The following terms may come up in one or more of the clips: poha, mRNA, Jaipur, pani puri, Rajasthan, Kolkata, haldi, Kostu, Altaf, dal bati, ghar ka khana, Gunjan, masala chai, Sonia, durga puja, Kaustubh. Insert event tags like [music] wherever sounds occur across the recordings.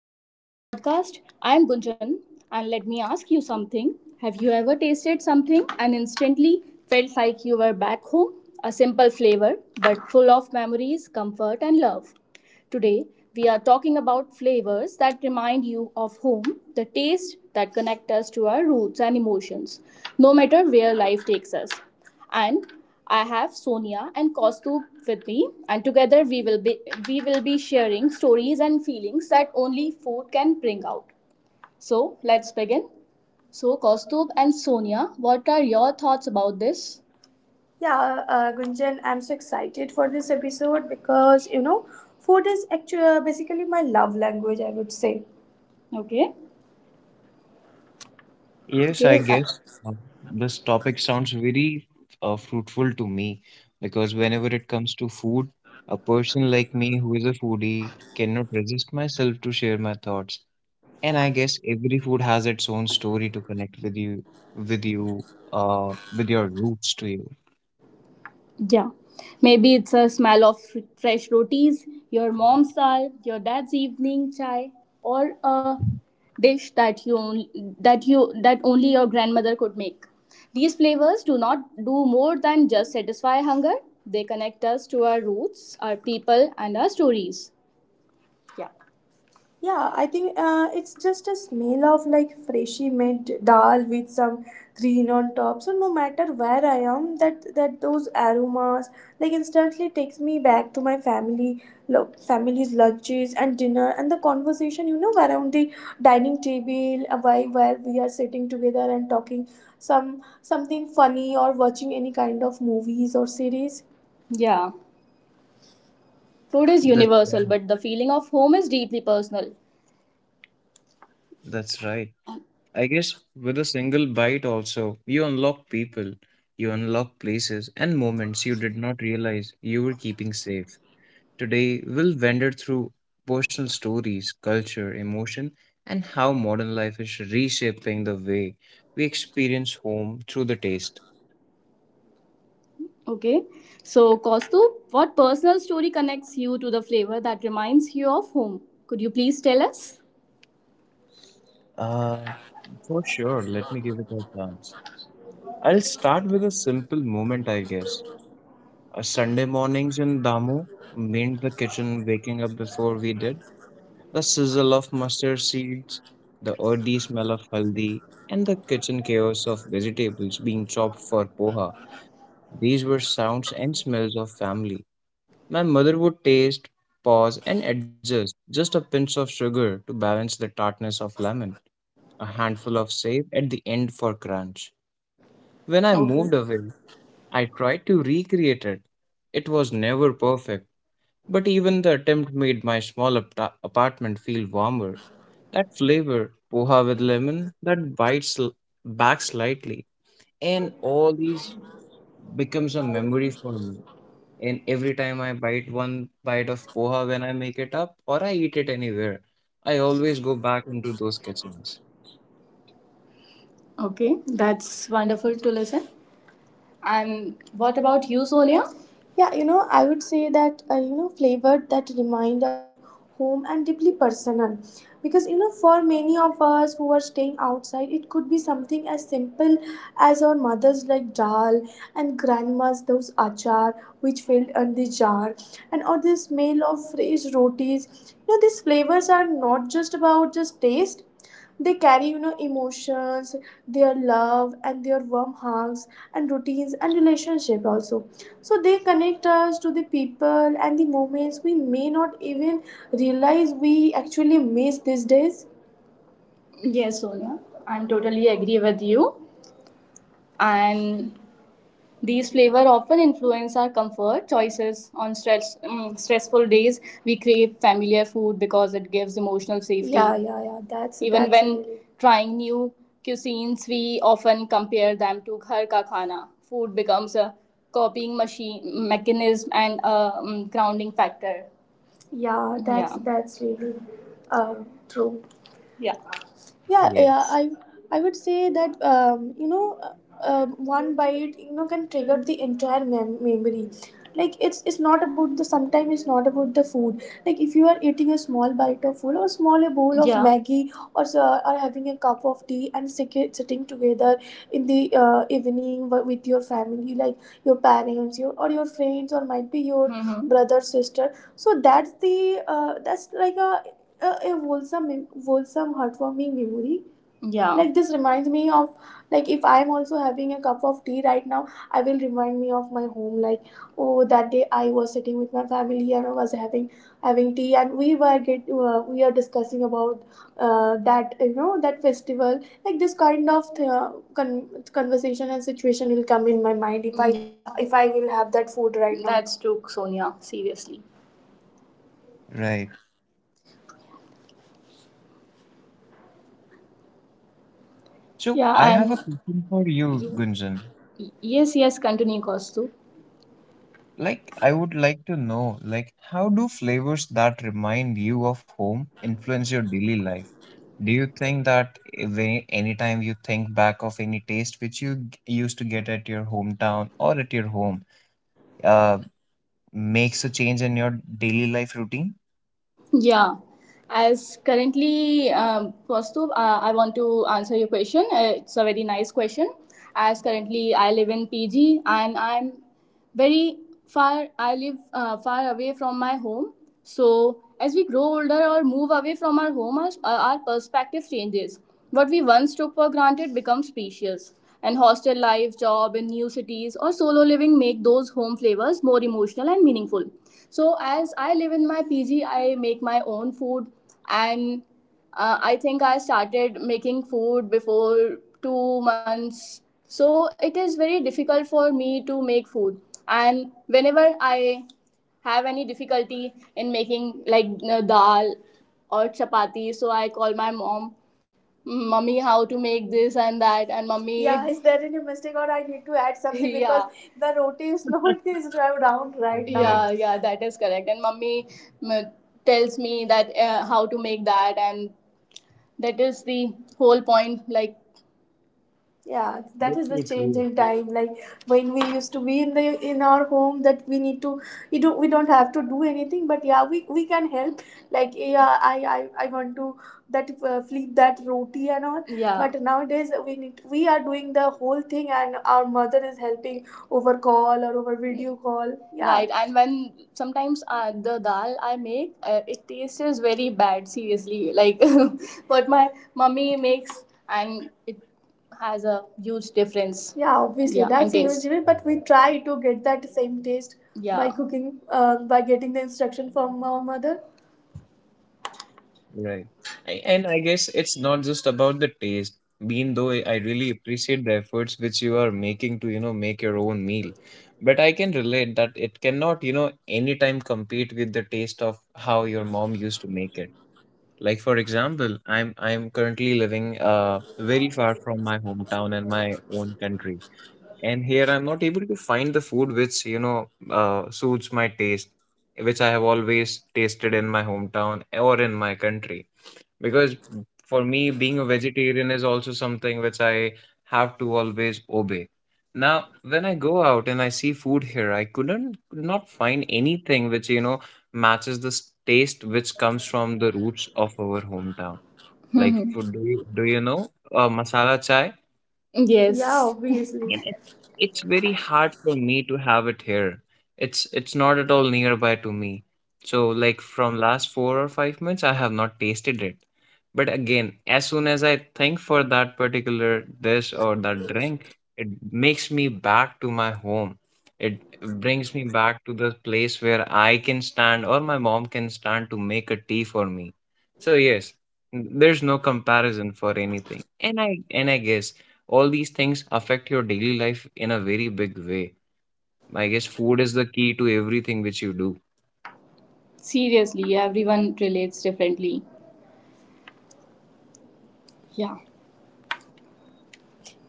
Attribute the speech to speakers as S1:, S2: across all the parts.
S1: to the post podcast. I am Gunjan, and let me ask you something. Have you ever tasted something and instantly felt like you were back home? A simple flavor, but full of memories, comfort, and love. Today, we are talking about flavors that remind you of home, the taste that connect us to our roots and emotions, no matter where life takes us, and I have Sonia and Kostu with me, and together we will be sharing stories and feelings that only food can bring out. So let's begin. So Kostub and Sonia, what are your thoughts about this? Yeah, Gunjan, I'm so excited for this episode because food is actually basically my love language, I would say. Okay.
S2: Yes, I
S1: Okay.
S2: guess uh, this topic sounds very fruitful to me because whenever it comes to food, a person like me who is a foodie cannot resist myself to share my thoughts. And I guess every food has its own story to connect with you, with you, with your roots to you.
S1: Yeah. Maybe it's a smell of fresh rotis, your mom's dal, your dad's evening chai, or a dish that you on- that you that only your grandmother could make. These flavors do not do more than just satisfy hunger. They connect us to our roots, our people, and our stories. Yeah. Yeah, I think it's just a smell of like freshly made dal with some green on top. So no matter where I am, that those aromas like instantly takes me back to my family, family's lunches and dinner and the conversation around the dining table, why where we are sitting together and talking something funny or watching any kind of movies or series. Yeah, food is
S2: That's
S1: universal,
S2: right.
S1: but the feeling of home is deeply personal.
S2: That's right. I guess with a single bite also, you unlock people, you unlock places and moments you did not realize you were keeping safe. Today, we'll wander through personal stories, culture, emotion, and how modern life is reshaping the way we experience home through the taste.
S1: Okay, so Kostu, what personal story connects you to the flavor that reminds you of home? Could you please tell us?
S2: Uh, for sure, let me give it a chance. I'll start with a simple moment, I guess. A Sunday mornings in Damu meant the kitchen waking up before we did. The sizzle of mustard seeds, the earthy smell of haldi, and the kitchen chaos of vegetables being chopped for poha. These were sounds and smells of family. My mother would taste, pause, and adjust just a pinch of sugar to balance the tartness of lemon, a handful of sage at the end for crunch. When I
S1: Okay,
S2: moved away, I tried to recreate it. It was never perfect, but even the attempt made my small apartment feel warmer. That flavor, poha with lemon, that bites back slightly, and all these becomes a memory for me. And every time I bite one bite of poha when I make it up or I eat it anywhere, I always go back into those kitchens.
S1: okay, that's wonderful to listen. And what about you, Sonia? Yeah, I would say that flavored that remind us of home and deeply personal. Because for many of us who are staying outside, it could be something as simple as our mothers like dal and grandmas those achar which filled on the jar, and or the smell of fresh rotis. These flavors are not just about just taste; they carry, emotions, their love and their warm hugs and routines and relationship also. So they connect us to the people and the moments we may not even realize we actually miss these days. Yes, Sonia, I'm totally agree with you. And these flavors often influence our comfort choices on stress, stressful days. We crave familiar food because it gives emotional safety. Yeah, yeah, yeah. That's even that's when really trying new cuisines, we often compare them to ghar ka khana. Food becomes a copying machine mechanism and a grounding factor. Yeah. That's yeah, that's really uh, true. Yeah, yeah, yeah.
S2: Yes.
S1: I would say that one bite can trigger the entire memory. Like it's not about the sometimes it's not about the food. Like if you are eating a small bite of food or small a bowl of Yeah. maggie or so, or having a cup of tea and sitting together in the evening with your family, like your parents your or your friends, or might be your brother sister. So that's the that's like a wholesome wholesome heartwarming memory Yeah. like this reminds me of. Like if I am also having a cup of tea right now, I will remind me of my home. Like oh, that day I was sitting with my family and I was having tea and we were get we are discussing about that, you know, that festival. Like this kind of con- conversation and situation will come in my mind if I Yeah. if I will have that food right now. That's true, Sonia. Seriously.
S2: Right. So
S1: Yeah,
S2: I have
S1: and
S2: a question for you,
S1: you.
S2: Gunjan.
S1: Yes, yes, continue, Kostu.
S2: Like, I would like to know, like, how do flavors that remind you of home influence your daily life? Do you think that when anytime you think back of any taste which you used to get at your hometown or at your home, uh, makes a change in your daily life routine?
S1: Yeah. As currently, Kostu, I want to answer your question. It's a very nice question. As currently, I live in PG and I'm very far I live far away from my home. So as we grow older or move away from our home, our perspective changes. What we once took for granted becomes precious, and hostel life, job in new cities, or solo living make those home flavors more emotional and meaningful. So as I live in my PG, I make my own food, and I think I started making food before 2 months. So it is very difficult for me to make food. And whenever I have any difficulty in making like dal or chapati, so I call my mom, Mummy, how to make this and that. And Mummy, Yeah, is there any mistake or I need to add something [laughs] because yeah. the roti is not [laughs] is round right now. Yeah, yeah, that is correct. And mummy m- tells me that how to make that, and that is the whole point. Like yeah, that
S2: That's
S1: is the
S2: so
S1: change
S2: true.
S1: in time. Like when we used to be in the in our home that we need to you do we don't have to do anything, but yeah we can help, like yeah I want to that flip that roti and all Yeah. but nowadays we need we are doing the whole thing and our mother is helping over call or over video call yeah. Right, and when sometimes the dal I make, it tastes very bad. Seriously, like [laughs] what my mummy makes, and it has a huge difference. Yeah, obviously Yeah, that's a huge difference, but we try to get that same taste yeah. by Yeah. cooking, by getting the instruction from our mother.
S2: Right. And I guess it's not just about the taste. Being though I really appreciate the efforts which you are making to, you know, make your own meal. But I can relate that it cannot, anytime compete with the taste of how your mom used to make it. Like, for example, I'm currently living very far from my hometown and my own country. And here I'm not able to find the food which suits my taste, which I have always tasted in my hometown or in my country. Because for me, being a vegetarian is also something which I have to always obey. Now, when I go out and I see food here, I could not find anything which matches the taste which comes from the roots of our hometown. Like, do you know masala chai?
S1: Yes. Yeah, Yes. obviously.
S2: And it,
S1: [laughs]
S2: it's very hard for me to have it here. It's not at all nearby to me. So like from last 4 or 5 months, I have not tasted it. But again, as soon as I think for that particular dish or that drink, it makes me back to my home. It brings me back to the place where I can stand or my mom can stand to make a tea for me. So yes, there's no comparison for anything. And I guess all these things affect your daily life in a very big way. I guess food is the key to everything which you do.
S1: Seriously, everyone relates differently. Yeah.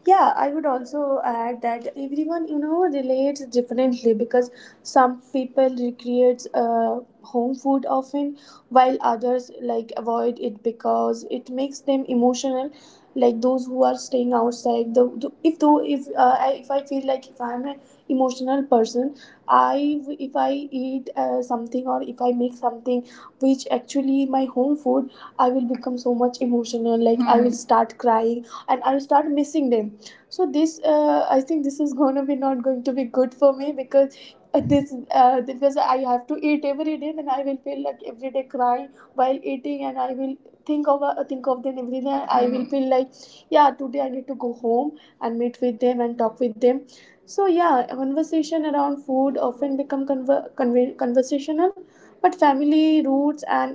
S1: Yeah, I would also add that everyone, you know, relates differently because some people recreate home food often, while others like avoid it because it makes them emotional. Like those who are staying outside, the if though if I- if I feel like if I'm an emotional person, I if I eat something or if I make something which actually my home food, I will become so much emotional. Like I will start crying and I will start missing them. So this I think this is [laughs] gonna be not going to be good for me because this because I have to eat every day and I will feel like every day crying while eating, and I will think of them every day. I will feel like yeah, today I need to go home and meet with them and talk with them. So yeah, conversation around food often become conversational, but family roots and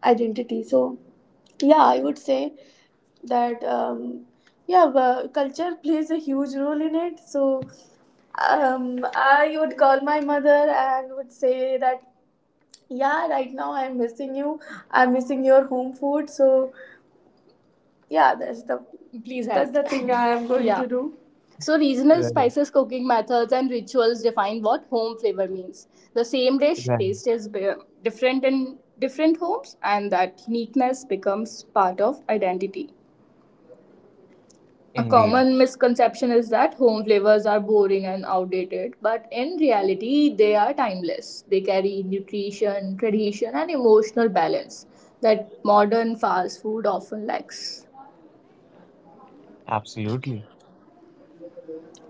S1: identity. So yeah, I would say that yeah, culture plays a huge role in it. So I would call my mother and would say that yeah, right now I'm missing you. I'm missing your home food. So yeah, that's the Please help. That's the thing I am going [laughs] Yeah. to do. So, regional
S2: Right,
S1: spices, cooking methods, and rituals define what home flavor means. The same dish
S2: right.
S1: taste is different in different homes, and that uniqueness becomes part of identity. A
S2: Indeed,
S1: common misconception is that home flavors are boring and outdated, but in reality, they are timeless. They carry nutrition, tradition, and emotional balance that modern fast food often lacks.
S2: absolutely.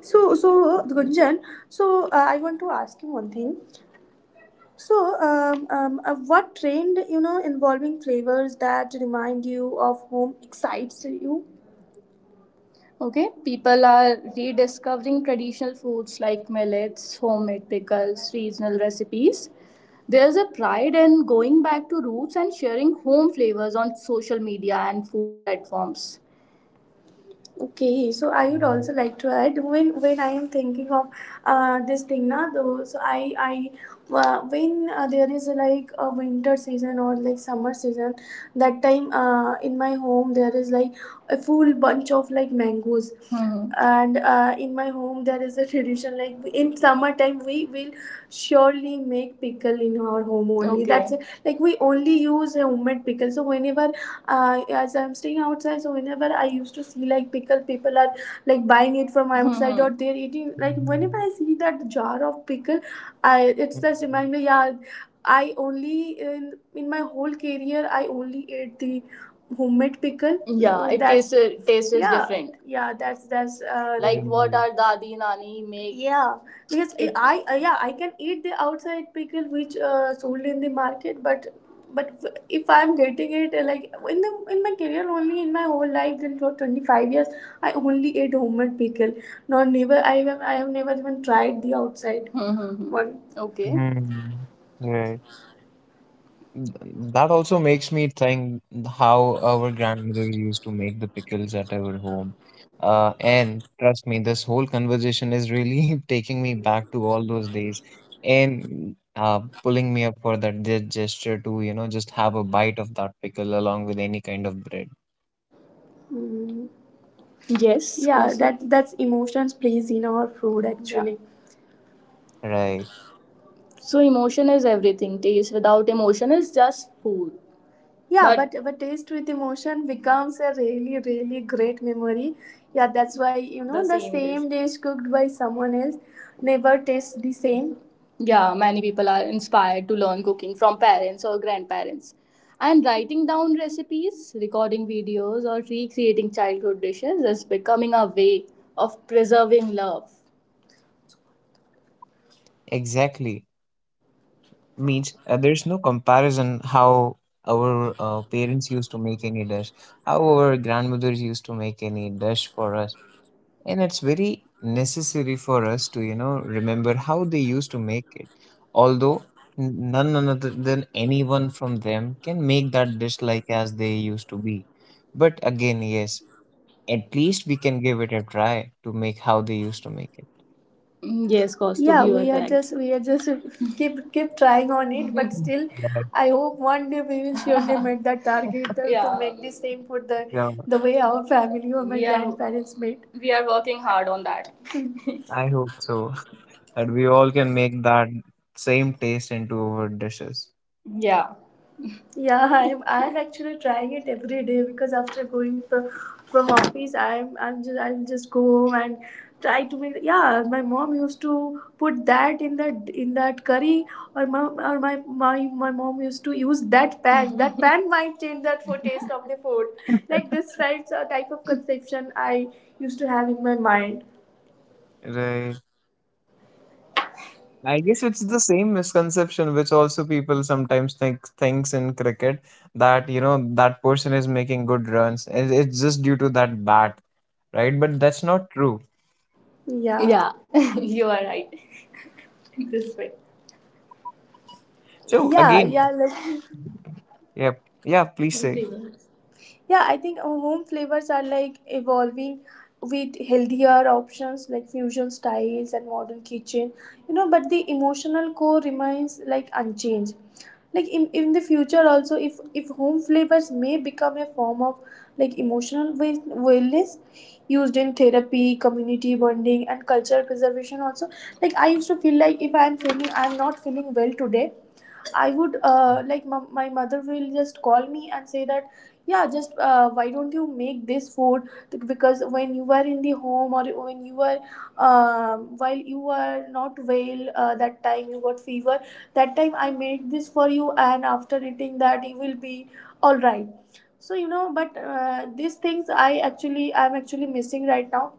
S1: So, so Gunjan, I want to ask you one thing. So, what trend, you know, involving flavors that remind you of home excites you? Okay, people are rediscovering traditional foods like millets, homemade pickles, regional recipes. There's a pride in going back to roots and sharing home flavors on social media and food platforms. Okay, so I would also like to add, when I am thinking of this thing now, though, so I when there is like a winter season or like summer season, that time in my home there is like a full bunch of like mangoes, Hmm. and in my home there is a [laughs] tradition. Like in summertime, we will surely make pickle in our home only. Okay. That's it. Like we only use a homemade pickle. So whenever, as I'm staying outside, so whenever I used to see like pickle, people are like buying it from outside Mhm. or they're eating. Like whenever I see that jar of pickle, I it's
S2: Mm,
S1: just remind me. Yeah, I only in in my whole career I only ate the homemade pickle. Yeah, tastes tastes is yeah, different. Yeah, that's Like what our
S2: mm,
S1: dadi nani make. Yeah, because yeah, I can eat the outside pickle which sold in the market, but if I'm getting it, like in my career, only in my whole life, then for 25 years I only ate homemade pickle. No, never. I have never even tried the outside. Hmm, hmm, hmm. One, okay.
S2: mm, mm, right. That also makes me think how our grandmothers used to make the pickles at our home. And trust me, this whole conversation is really [laughs] taking me back to all those days and pulling me up for that gesture to, you know, just have a bite of that pickle along with any kind of bread.
S1: Yes. Yeah, that's emotions plays in our food actually.
S2: Right,
S1: So emotion is everything. Taste without emotion is just food. Yeah. But taste with emotion becomes a really, really great memory. Yeah, that's why, you know, the same dish cooked by someone else never tastes the same. Yeah, many people are inspired to learn cooking from parents or grandparents. And writing down recipes, recording videos, or recreating childhood dishes is becoming a way of preserving love.
S2: exactly. Means there's no comparison how our parents used to make any dish, how our grandmothers used to make any dish for us, and it's very necessary for us to, you know, remember how they used to make it. Although none other than anyone from them can make that dish like as they used to be, but again, yes, at least we can give it a try to make how they used to make it.
S1: Mm. Yes, Kaustubh, yeah, you are we are correct. Just we are just [laughs] keep trying on it, but [laughs]
S2: Mm.
S1: still
S2: Right.
S1: I hope one day we will surely meet that target [laughs] to make the same food the,
S2: Yeah,
S1: the way our family or my we are grandparents made. We are working hard on that.
S2: I hope so [laughs] that we all can make that same taste into our dishes.
S1: Yeah. Yeah, I'm actually trying it every day, because after going from office, I'm just go home and try to make. Yeah, my mom used to put that in that curry, or my my my mom used to use that pan. That pan [laughs] might change that for taste of the food. Like this right type of conception I used to have in my mind.
S2: Right. I guess it's the same misconception which also people sometimes think thinks in cricket that, you know, that person is making good runs. It's just due to that bat, right? But that's not true.
S1: Yeah. Yeah, [laughs] you are right. [laughs] This way.
S2: So
S1: Yeah.
S2: again,
S1: Yeah. let
S2: yeah, yeah. Please say.
S1: Like. Yeah, I think our home flavors are like evolving with healthier options, like fusion styles and modern kitchen, you know, but the emotional core remains like unchanged. Like in the future also, if home flavors may become a form of like emotional wellness used in therapy, community bonding and cultural preservation also. Like I used to feel like if I'm not feeling well today, I would, like my mother will just call me and say that, yeah, just, why don't you make this food. Because when you were in the home, or when you were while you were not well, that time you got fever, that time I made this for you and after eating that you will be all right, so you know, but these things, I'm actually missing right now,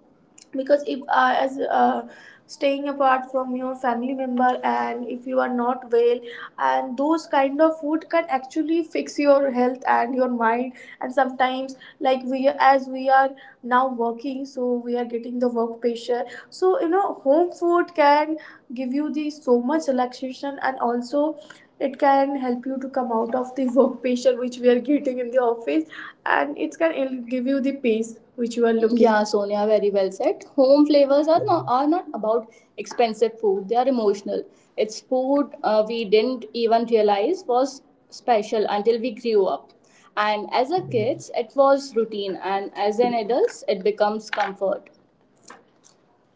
S1: because if as, staying apart from your family member and if you are not well, and those kind of food can actually fix your health and your mind. And sometimes, like we as we are now working, so we are getting the work pressure, so you know, home food can give you the so much relaxation, and also it can help you to come out of the work pressure which we are getting in the office, and it can give you the peace which you are looking. Yeah, Sonia, very well said. Home flavors are not about expensive food; they are emotional. It's food we didn't even realize was special until we grew up, and as a
S2: Yeah,
S1: kids, it was routine, and as an adults, it becomes comfort.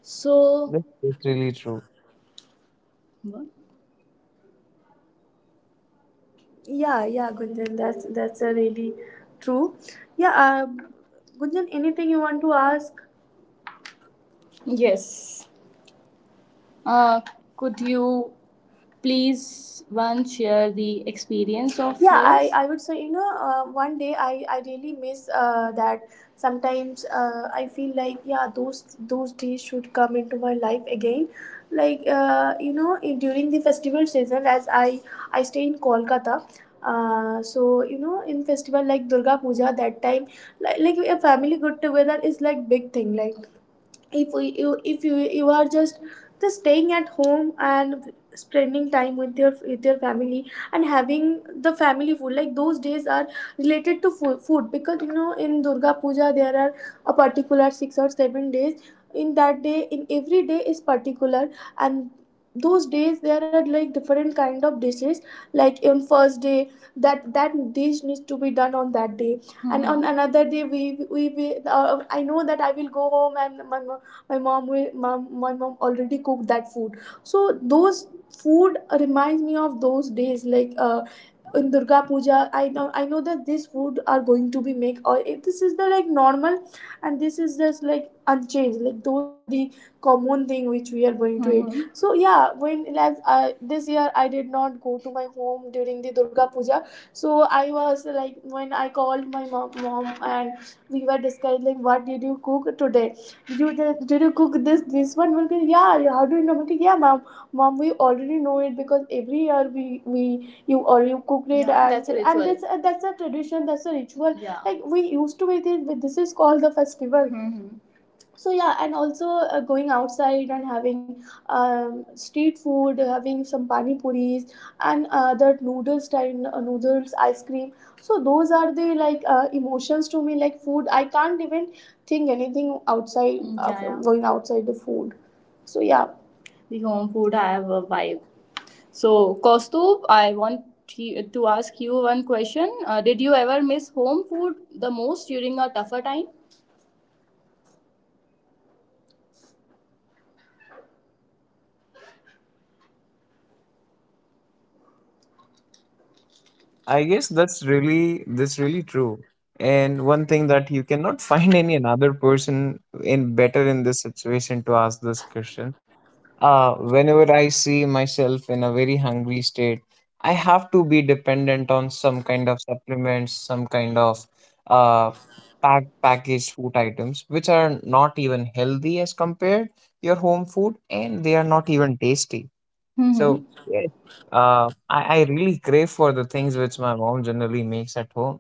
S1: So,
S2: that's really true.
S1: yeah, yeah, Gunjan, that's a really true. Yeah. Gunjan, anything you want to ask? Yes. Uh, could you please one share the experience of yeah I yours? I would say, you know, one day I really miss, that sometimes, I feel like, yeah, those days should come into my life again. Like, you know, during the festival season, as I stay in Kolkata, so you know, in festival like Durga Puja, that time like a family get together is like big thing. Like if we, you if you are just staying at home and spending time with your family and having the family food. Like those days are related to food, because you know in Durga Puja there are a particular 6 or 7 days, in that day in every day is particular, and those days there are like different kind of dishes, like on first day that dish needs to be done on that day, and on another day we I know that I will go home and my mom will, my mom already cooked that food. So those food reminds me of those days, like, in Durga Puja I know that this food are going to be make, this is the like normal and this is just like unchanged. Like those are the common thing which we are going to eat. Mhm. So yeah, when last this year I did not go to my home during the Durga Puja. So I was like, when I called my mom and we were discussing, like, what did you cook today? Did you cook this one? We'll go, "Yeah, yeah, how do you know?" We'll go, "Yeah, mom, we already know it, because every year we you cooked it." Yeah, and that's a and ritual. That's a tradition, that's a ritual. Yeah. Like we used to with it. This is called the festival. Mhm. So yeah, and also, going outside and having, street food, having some pani puris and, other noodle style, noodles, ice cream, so those are the like, emotions to me, like food, I can't even think anything outside. Yeah, yeah, going outside the food. So yeah. The home food, I have a vibe. So, Kaustubh, I want to ask you one question. Did you ever miss home food the most during a tougher time?
S2: I guess that's really true. And one thing that you cannot [laughs] find any another person in better in this situation to ask this question. Whenever I see myself in a very hungry state, I have to be dependent on some kind of supplements, some kind of uh, packaged food items, which are not even healthy as compared your home food, and they are not even tasty. So
S1: Mm-hmm.
S2: yes, I really crave for the things which my mom generally makes at home.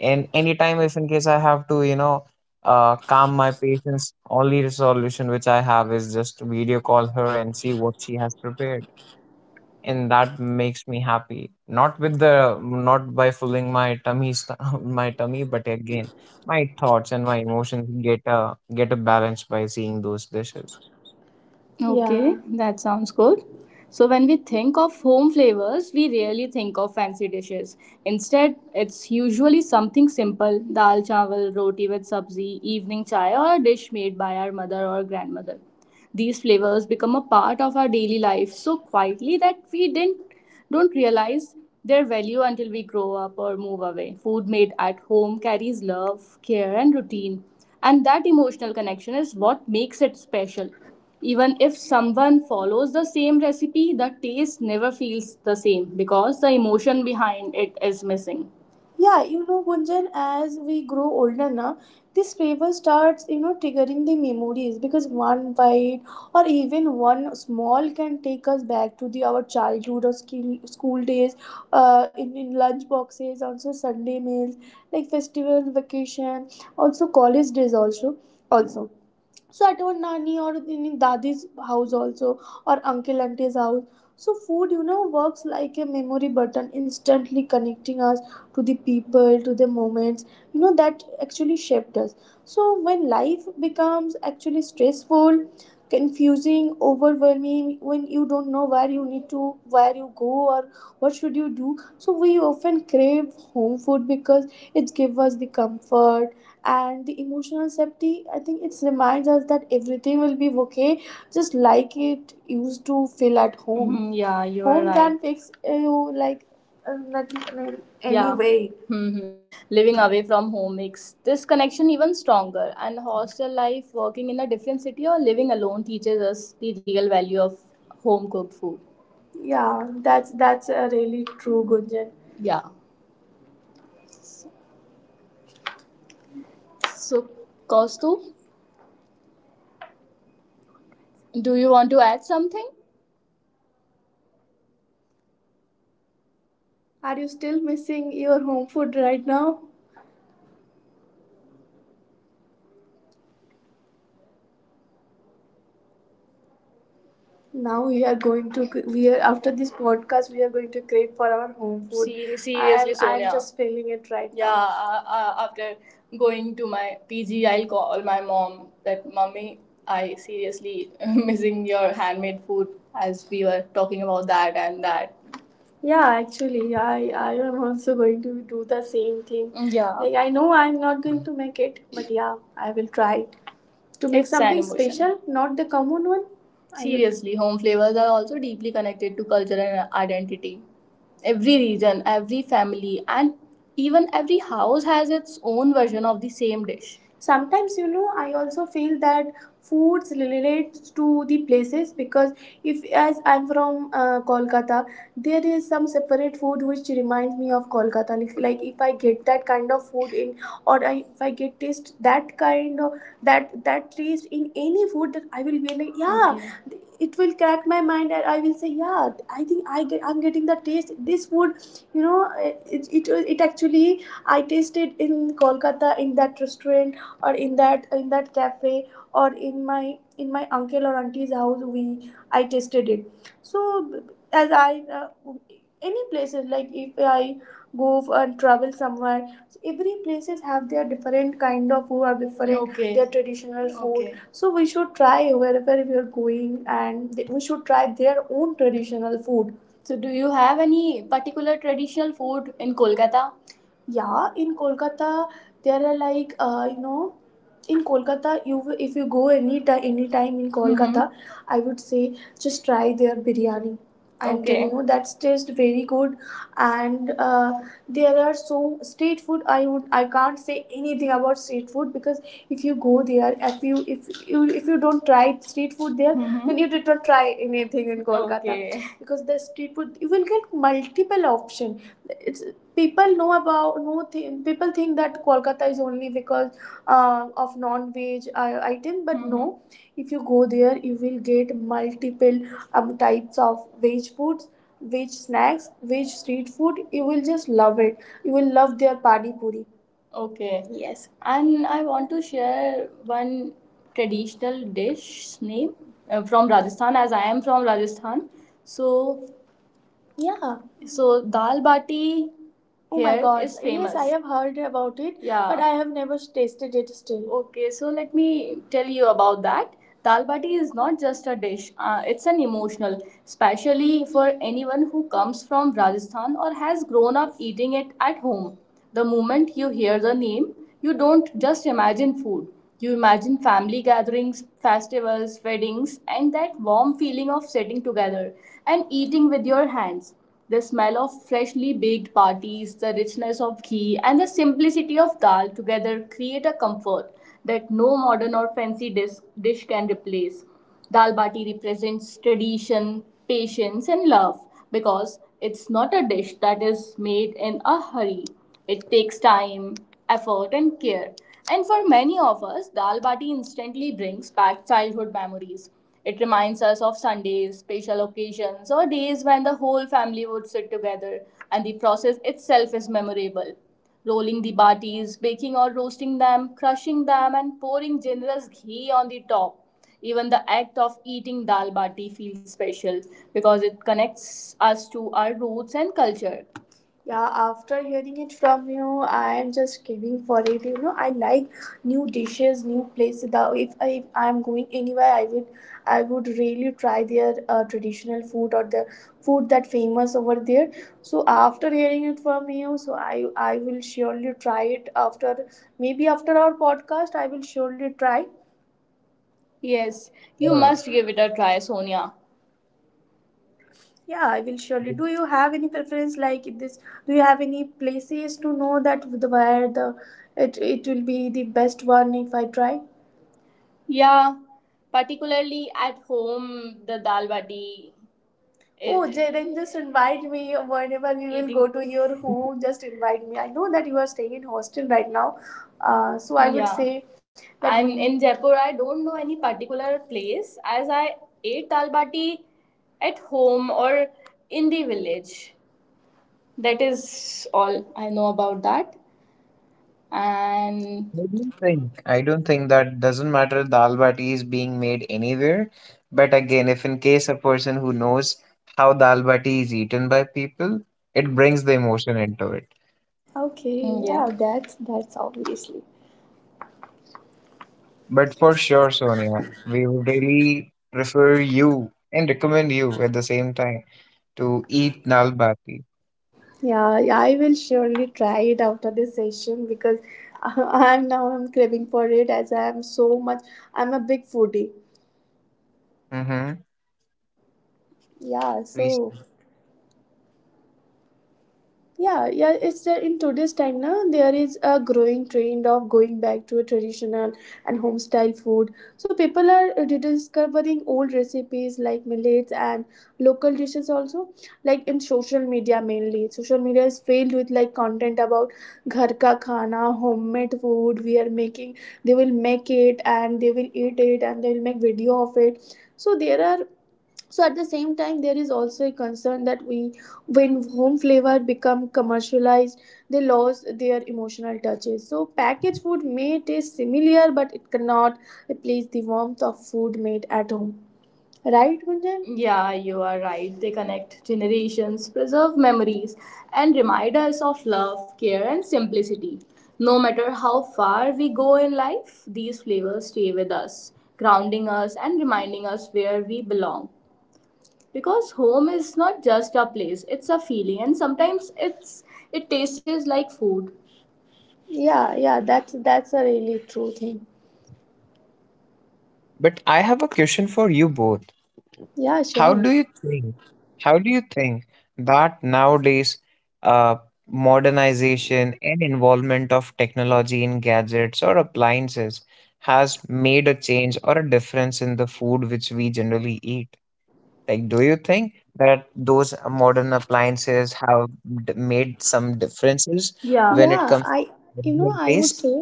S2: And anytime, if in case I have to, you know, calm my patience, only solution which I have is just video call her and see what she has prepared. And that makes me happy. Not with the, not by filling my tummy, [laughs] my tummy, but again, my thoughts and my emotions get a balance by seeing those dishes.
S1: Okay. Yeah, that sounds good. So, when we think of home flavors, we rarely think of fancy dishes. Instead, it's usually something simple, dal chawal, roti with sabzi, evening chai, or a dish made by our mother or grandmother. These flavors become a part of our daily life so quietly that we didn't don't realize their value until we grow up or move away. Food made at home carries love, care, and routine. And that emotional connection is what makes it special. Even if someone follows the same recipe, the taste never feels the same because the emotion behind it is missing. Yeah, you know, Gunjan, as we grow older now, this flavor starts, you know, triggering the memories, because one bite or even one small can take us back to the our childhood, or school days, in lunch boxes, also Sunday meals, like festival, vacation, also college days also. Also, so at our nani or in dadi's house also, or uncle auntie's house, so food, you know, works like a memory button, instantly connecting us to the people, to the moments, you know, that actually shaped us. So when life becomes actually stressful, confusing, overwhelming, when you don't know where you go or what should you do, so we often crave home food because it gives us the comfort and the emotional safety. I think it reminds us that everything will be okay, just like it used to feel at home. Mhm. Yeah, you are home, right, can fix, you, like, nothing in any. Yeah. way. Hmm. Living away from home makes this connection even stronger. And hostel life, working in a different city, or living alone teaches us the real value of home cooked food. Yeah, that's a really true, Gunjan. Yeah. So, Kostu, do you want to add something? Are you still missing your home food right now? Now we are going to we are After this podcast we are going to crave for our home food. Seriously, I'm, Sonia, I'm just feeling it right, yeah, now. After going to my PG, I'll call my mom that, Mommy, I seriously [laughs] missing your handmade food, as we were talking about that and that. Yeah, actually, I am also going to do the same thing. Yeah. Like I know I'm not going to make it, but yeah, I will try it to make. It's an something an emotion, special, not the common one. I will- Seriously, home flavors are also deeply connected to culture and identity. Every region, every family, and even every house has its own version of the same dish. Sometimes, you know, I also feel that foods relates to the places, because if as I'm from, Kolkata, there is some separate food which reminds me of Kolkata, like if I get that kind of food in, if I get taste that kind of that taste in any food, that I will be like, yeah. Okay. It will crack my mind and I will say, yeah, I think I'm getting the taste this food, you know. It actually I tasted in Kolkata in that restaurant or in that cafe or in my uncle or auntie's house. We I tasted it. So as I uh, any places, like if I go and travel somewhere, so every places have their different kind of food or different. Okay. Their traditional food. Okay. So we should try wherever we are going, and we should try their own traditional food. So do you have any particular traditional food in Kolkata? Yeah, in Kolkata there are, like, you know, in Kolkata you, if you go any time, any time in— Mm-hmm. Kolkata, I would say just try their biryani, I tell— Okay. you, that's taste very good, and there are so street food. I can't say anything about street food because if you go there, if you don't try street food there— Mhm. Then— Mm-hmm. You did not try anything in Kolkata. Okay. Because the street food, you will get multiple option. It's people know about know people think that Kolkata is only because of non-veg item, but no. Mhm. If you go there, you will get multiple types of veg foods, veg snacks, veg street food. You will just love it. You will love their pani puri. Okay, yes. And I want to share one traditional dish name from Rajasthan, as I am from Rajasthan. So, yeah. So dal bati— Oh here my god. Is famous. Yes, I have heard about it. Yeah. But I have never tasted it still. Okay, so let me tell you about that. Dal bati is not just a dish, it's an emotional, especially for anyone who comes from Rajasthan or has grown up eating it at home. The moment you hear the name, you don't just imagine food. You imagine family gatherings, festivals, weddings, and that warm feeling of sitting together and eating with your hands. The smell of freshly baked parties, the richness of ghee, and the simplicity of dal together create a comfort that no modern or fancy dish can replace. Dal bati represents tradition, patience, and love, because it's not a dish that is made in a hurry. It takes time, effort, and care. And for many of us, dal bati instantly brings back childhood memories. It reminds us of Sundays, special occasions, or days when the whole family would sit together. And the process itself is memorable: rolling the batis, baking or roasting them, crushing them, and pouring generous ghee on the top. Even the act of eating dal bati feels special because it connects us to our roots and culture. Yeah, after hearing it from you, I am just craving for it. You know, I like new dishes, new places. If I if I'm going anywhere, I would really try their traditional food or the food that famous over there. So after hearing it from you, so I will surely try it after, maybe after our podcast. I will surely try. Yes, you must
S2: Sure.
S1: give it a try, Sonia. Yeah, I will surely. Do
S2: Yes,
S1: you have any preference like in this? Do you have any places to know that the, where the it will be the best one if I try? Yeah, particularly at home, the dal bati— Oh, it, Jay, then just invite me whenever we will go to your home. Just invite me. I know that you are staying in hostel right now, so I would— Yeah. say that am we. In Jaipur, I don't know any particular place as I ate dal bati at home or in the village. That is all I know about that. And—
S2: I don't think that doesn't matter. Dal bati is being made anywhere, but again, if in case a person who knows how dal bati is eaten by people, it brings the emotion into it.
S1: Okay, mm, yeah. Yeah, that's obviously.
S2: But for sure, Sonia, we would really prefer you and recommend you at the same time to eat dal bati.
S1: Yeah, yeah, I will surely try it after this session because [laughs] I'm now I'm craving for it as I'm so much I'm a big foodie.
S2: Mm-hmm.
S1: Yeah, so yeah, yeah, it's in today's time now there is a growing trend of going back to a traditional and home style food, so people are rediscovering old recipes like millets and local dishes. Also, like in social media, mainly social media is filled with like content about ghar ka khana homemade food. We are making, they will make it, and they will eat it, and they will make video of it. So there are, so at the same time, there is also a concern that we when home flavor become commercialized, they lose their emotional touches. So packaged food may taste similar, but it cannot replace the warmth of food made at home, right, Gunjan? Yeah, you are right. They connect generations, preserve memories, and remind us of love, care, and simplicity. No matter how far we go in life, these flavors stay with us, grounding us and reminding us where we belong, because home is not just a place, it's a feeling, and sometimes it tastes like food. Yeah, yeah, that's a really true thing.
S2: But I have a question for you both.
S1: Yeah,
S2: How
S1: sure.
S2: do you think? How do you think that nowadays, uh, modernization and involvement of technology in gadgets or appliances has made a change or a difference in the food which we generally eat? Like, do you think that those modern appliances have made some differences
S1: Yeah.
S2: when it
S1: Yeah,
S2: comes
S1: I
S2: to
S1: you know,
S2: original
S1: I would
S2: taste?
S1: say,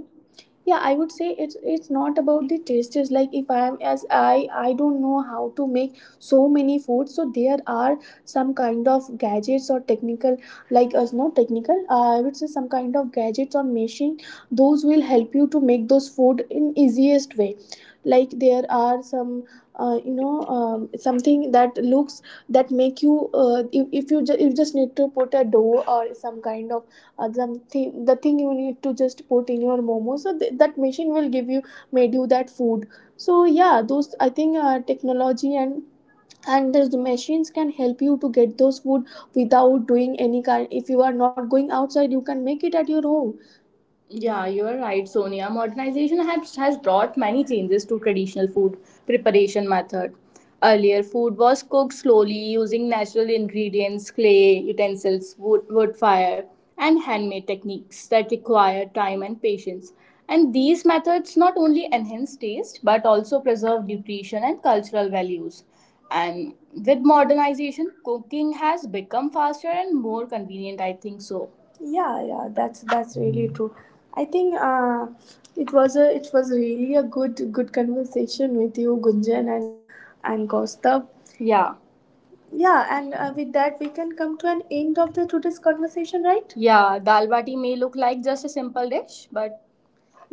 S1: yeah, I would say it's not about the taste. It's like if I am, as I don't know how to make so many foods, so there are some kind of gadgets or technical, like, as not technical, I would say some kind of gadgets or machine those will help you to make those food in easiest way. Like there are some you know, something that looks that make you if you you just need to put a dough or some kind of something, the thing you need to just put in your momo, so that machine will give you made you that food. So yeah, those I think technology and those machines can help you to get those food without doing any kind. If you are not going outside, you can make it at your home. Yeah, you're right, Sonia. Modernization has brought many changes to traditional food preparation method. Earlier, food was cooked slowly using natural ingredients, clay, utensils, wood, fire, and handmade techniques that require time and patience. And these methods not only enhance taste but also preserve nutrition and cultural values. And with modernization, cooking has become faster and more convenient, I think so. Yeah, yeah, that's really
S2: Mm.
S1: true. I think it was a, it was really a good conversation with you, Gunjan and Kaustav. Yeah. Yeah, and with that we can come to an end of the today's conversation, right? Yeah, dal bati may look like just a simple dish, but—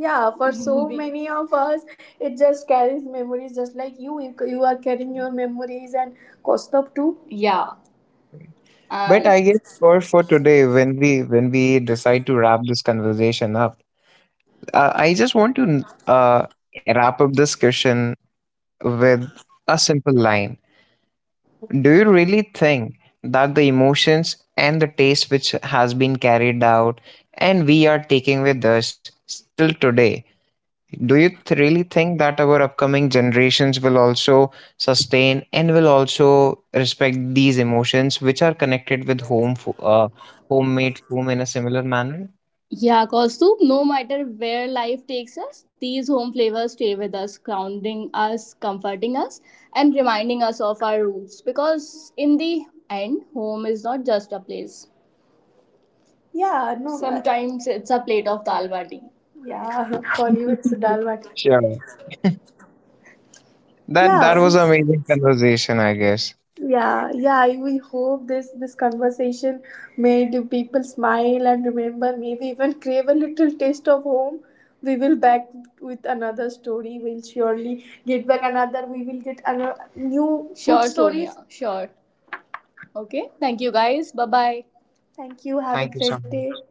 S1: Yeah, for so [laughs] many of us, it just carries memories, just like you. You are carrying your memories and Kaustav too. Yeah.
S2: But
S1: Um,
S2: I guess for today, when we decide to wrap this conversation up, I just want to uh, wrap up this question with a simple line. Do you really think that the emotions and the taste which has been carried out and we are taking with us still today, do you really think that our upcoming generations will also sustain and will also respect these emotions which are connected with home, homemade home in a similar manner?
S1: Yeah, soup. No matter where life takes us, these home flavors stay with us, grounding us, comforting us, and reminding us of our roots. Because in the end, home is not just a place. Yeah, no, but— Sometimes it's a plate of dal bati. Yeah, [laughs] for you it's a dal bati.
S2: Sure. That
S1: Yeah.
S2: that was amazing conversation, I guess.
S1: Yeah, yeah. We hope this conversation made you people smile and remember, maybe even crave a little taste of home. We will back with another story. We'll surely get back another. We will get another new food— Sure, stories. Sonia. Sure. Okay. Thank you, guys. Bye bye. Thank you. Have a
S2: Thank you so
S1: great day.
S2: much.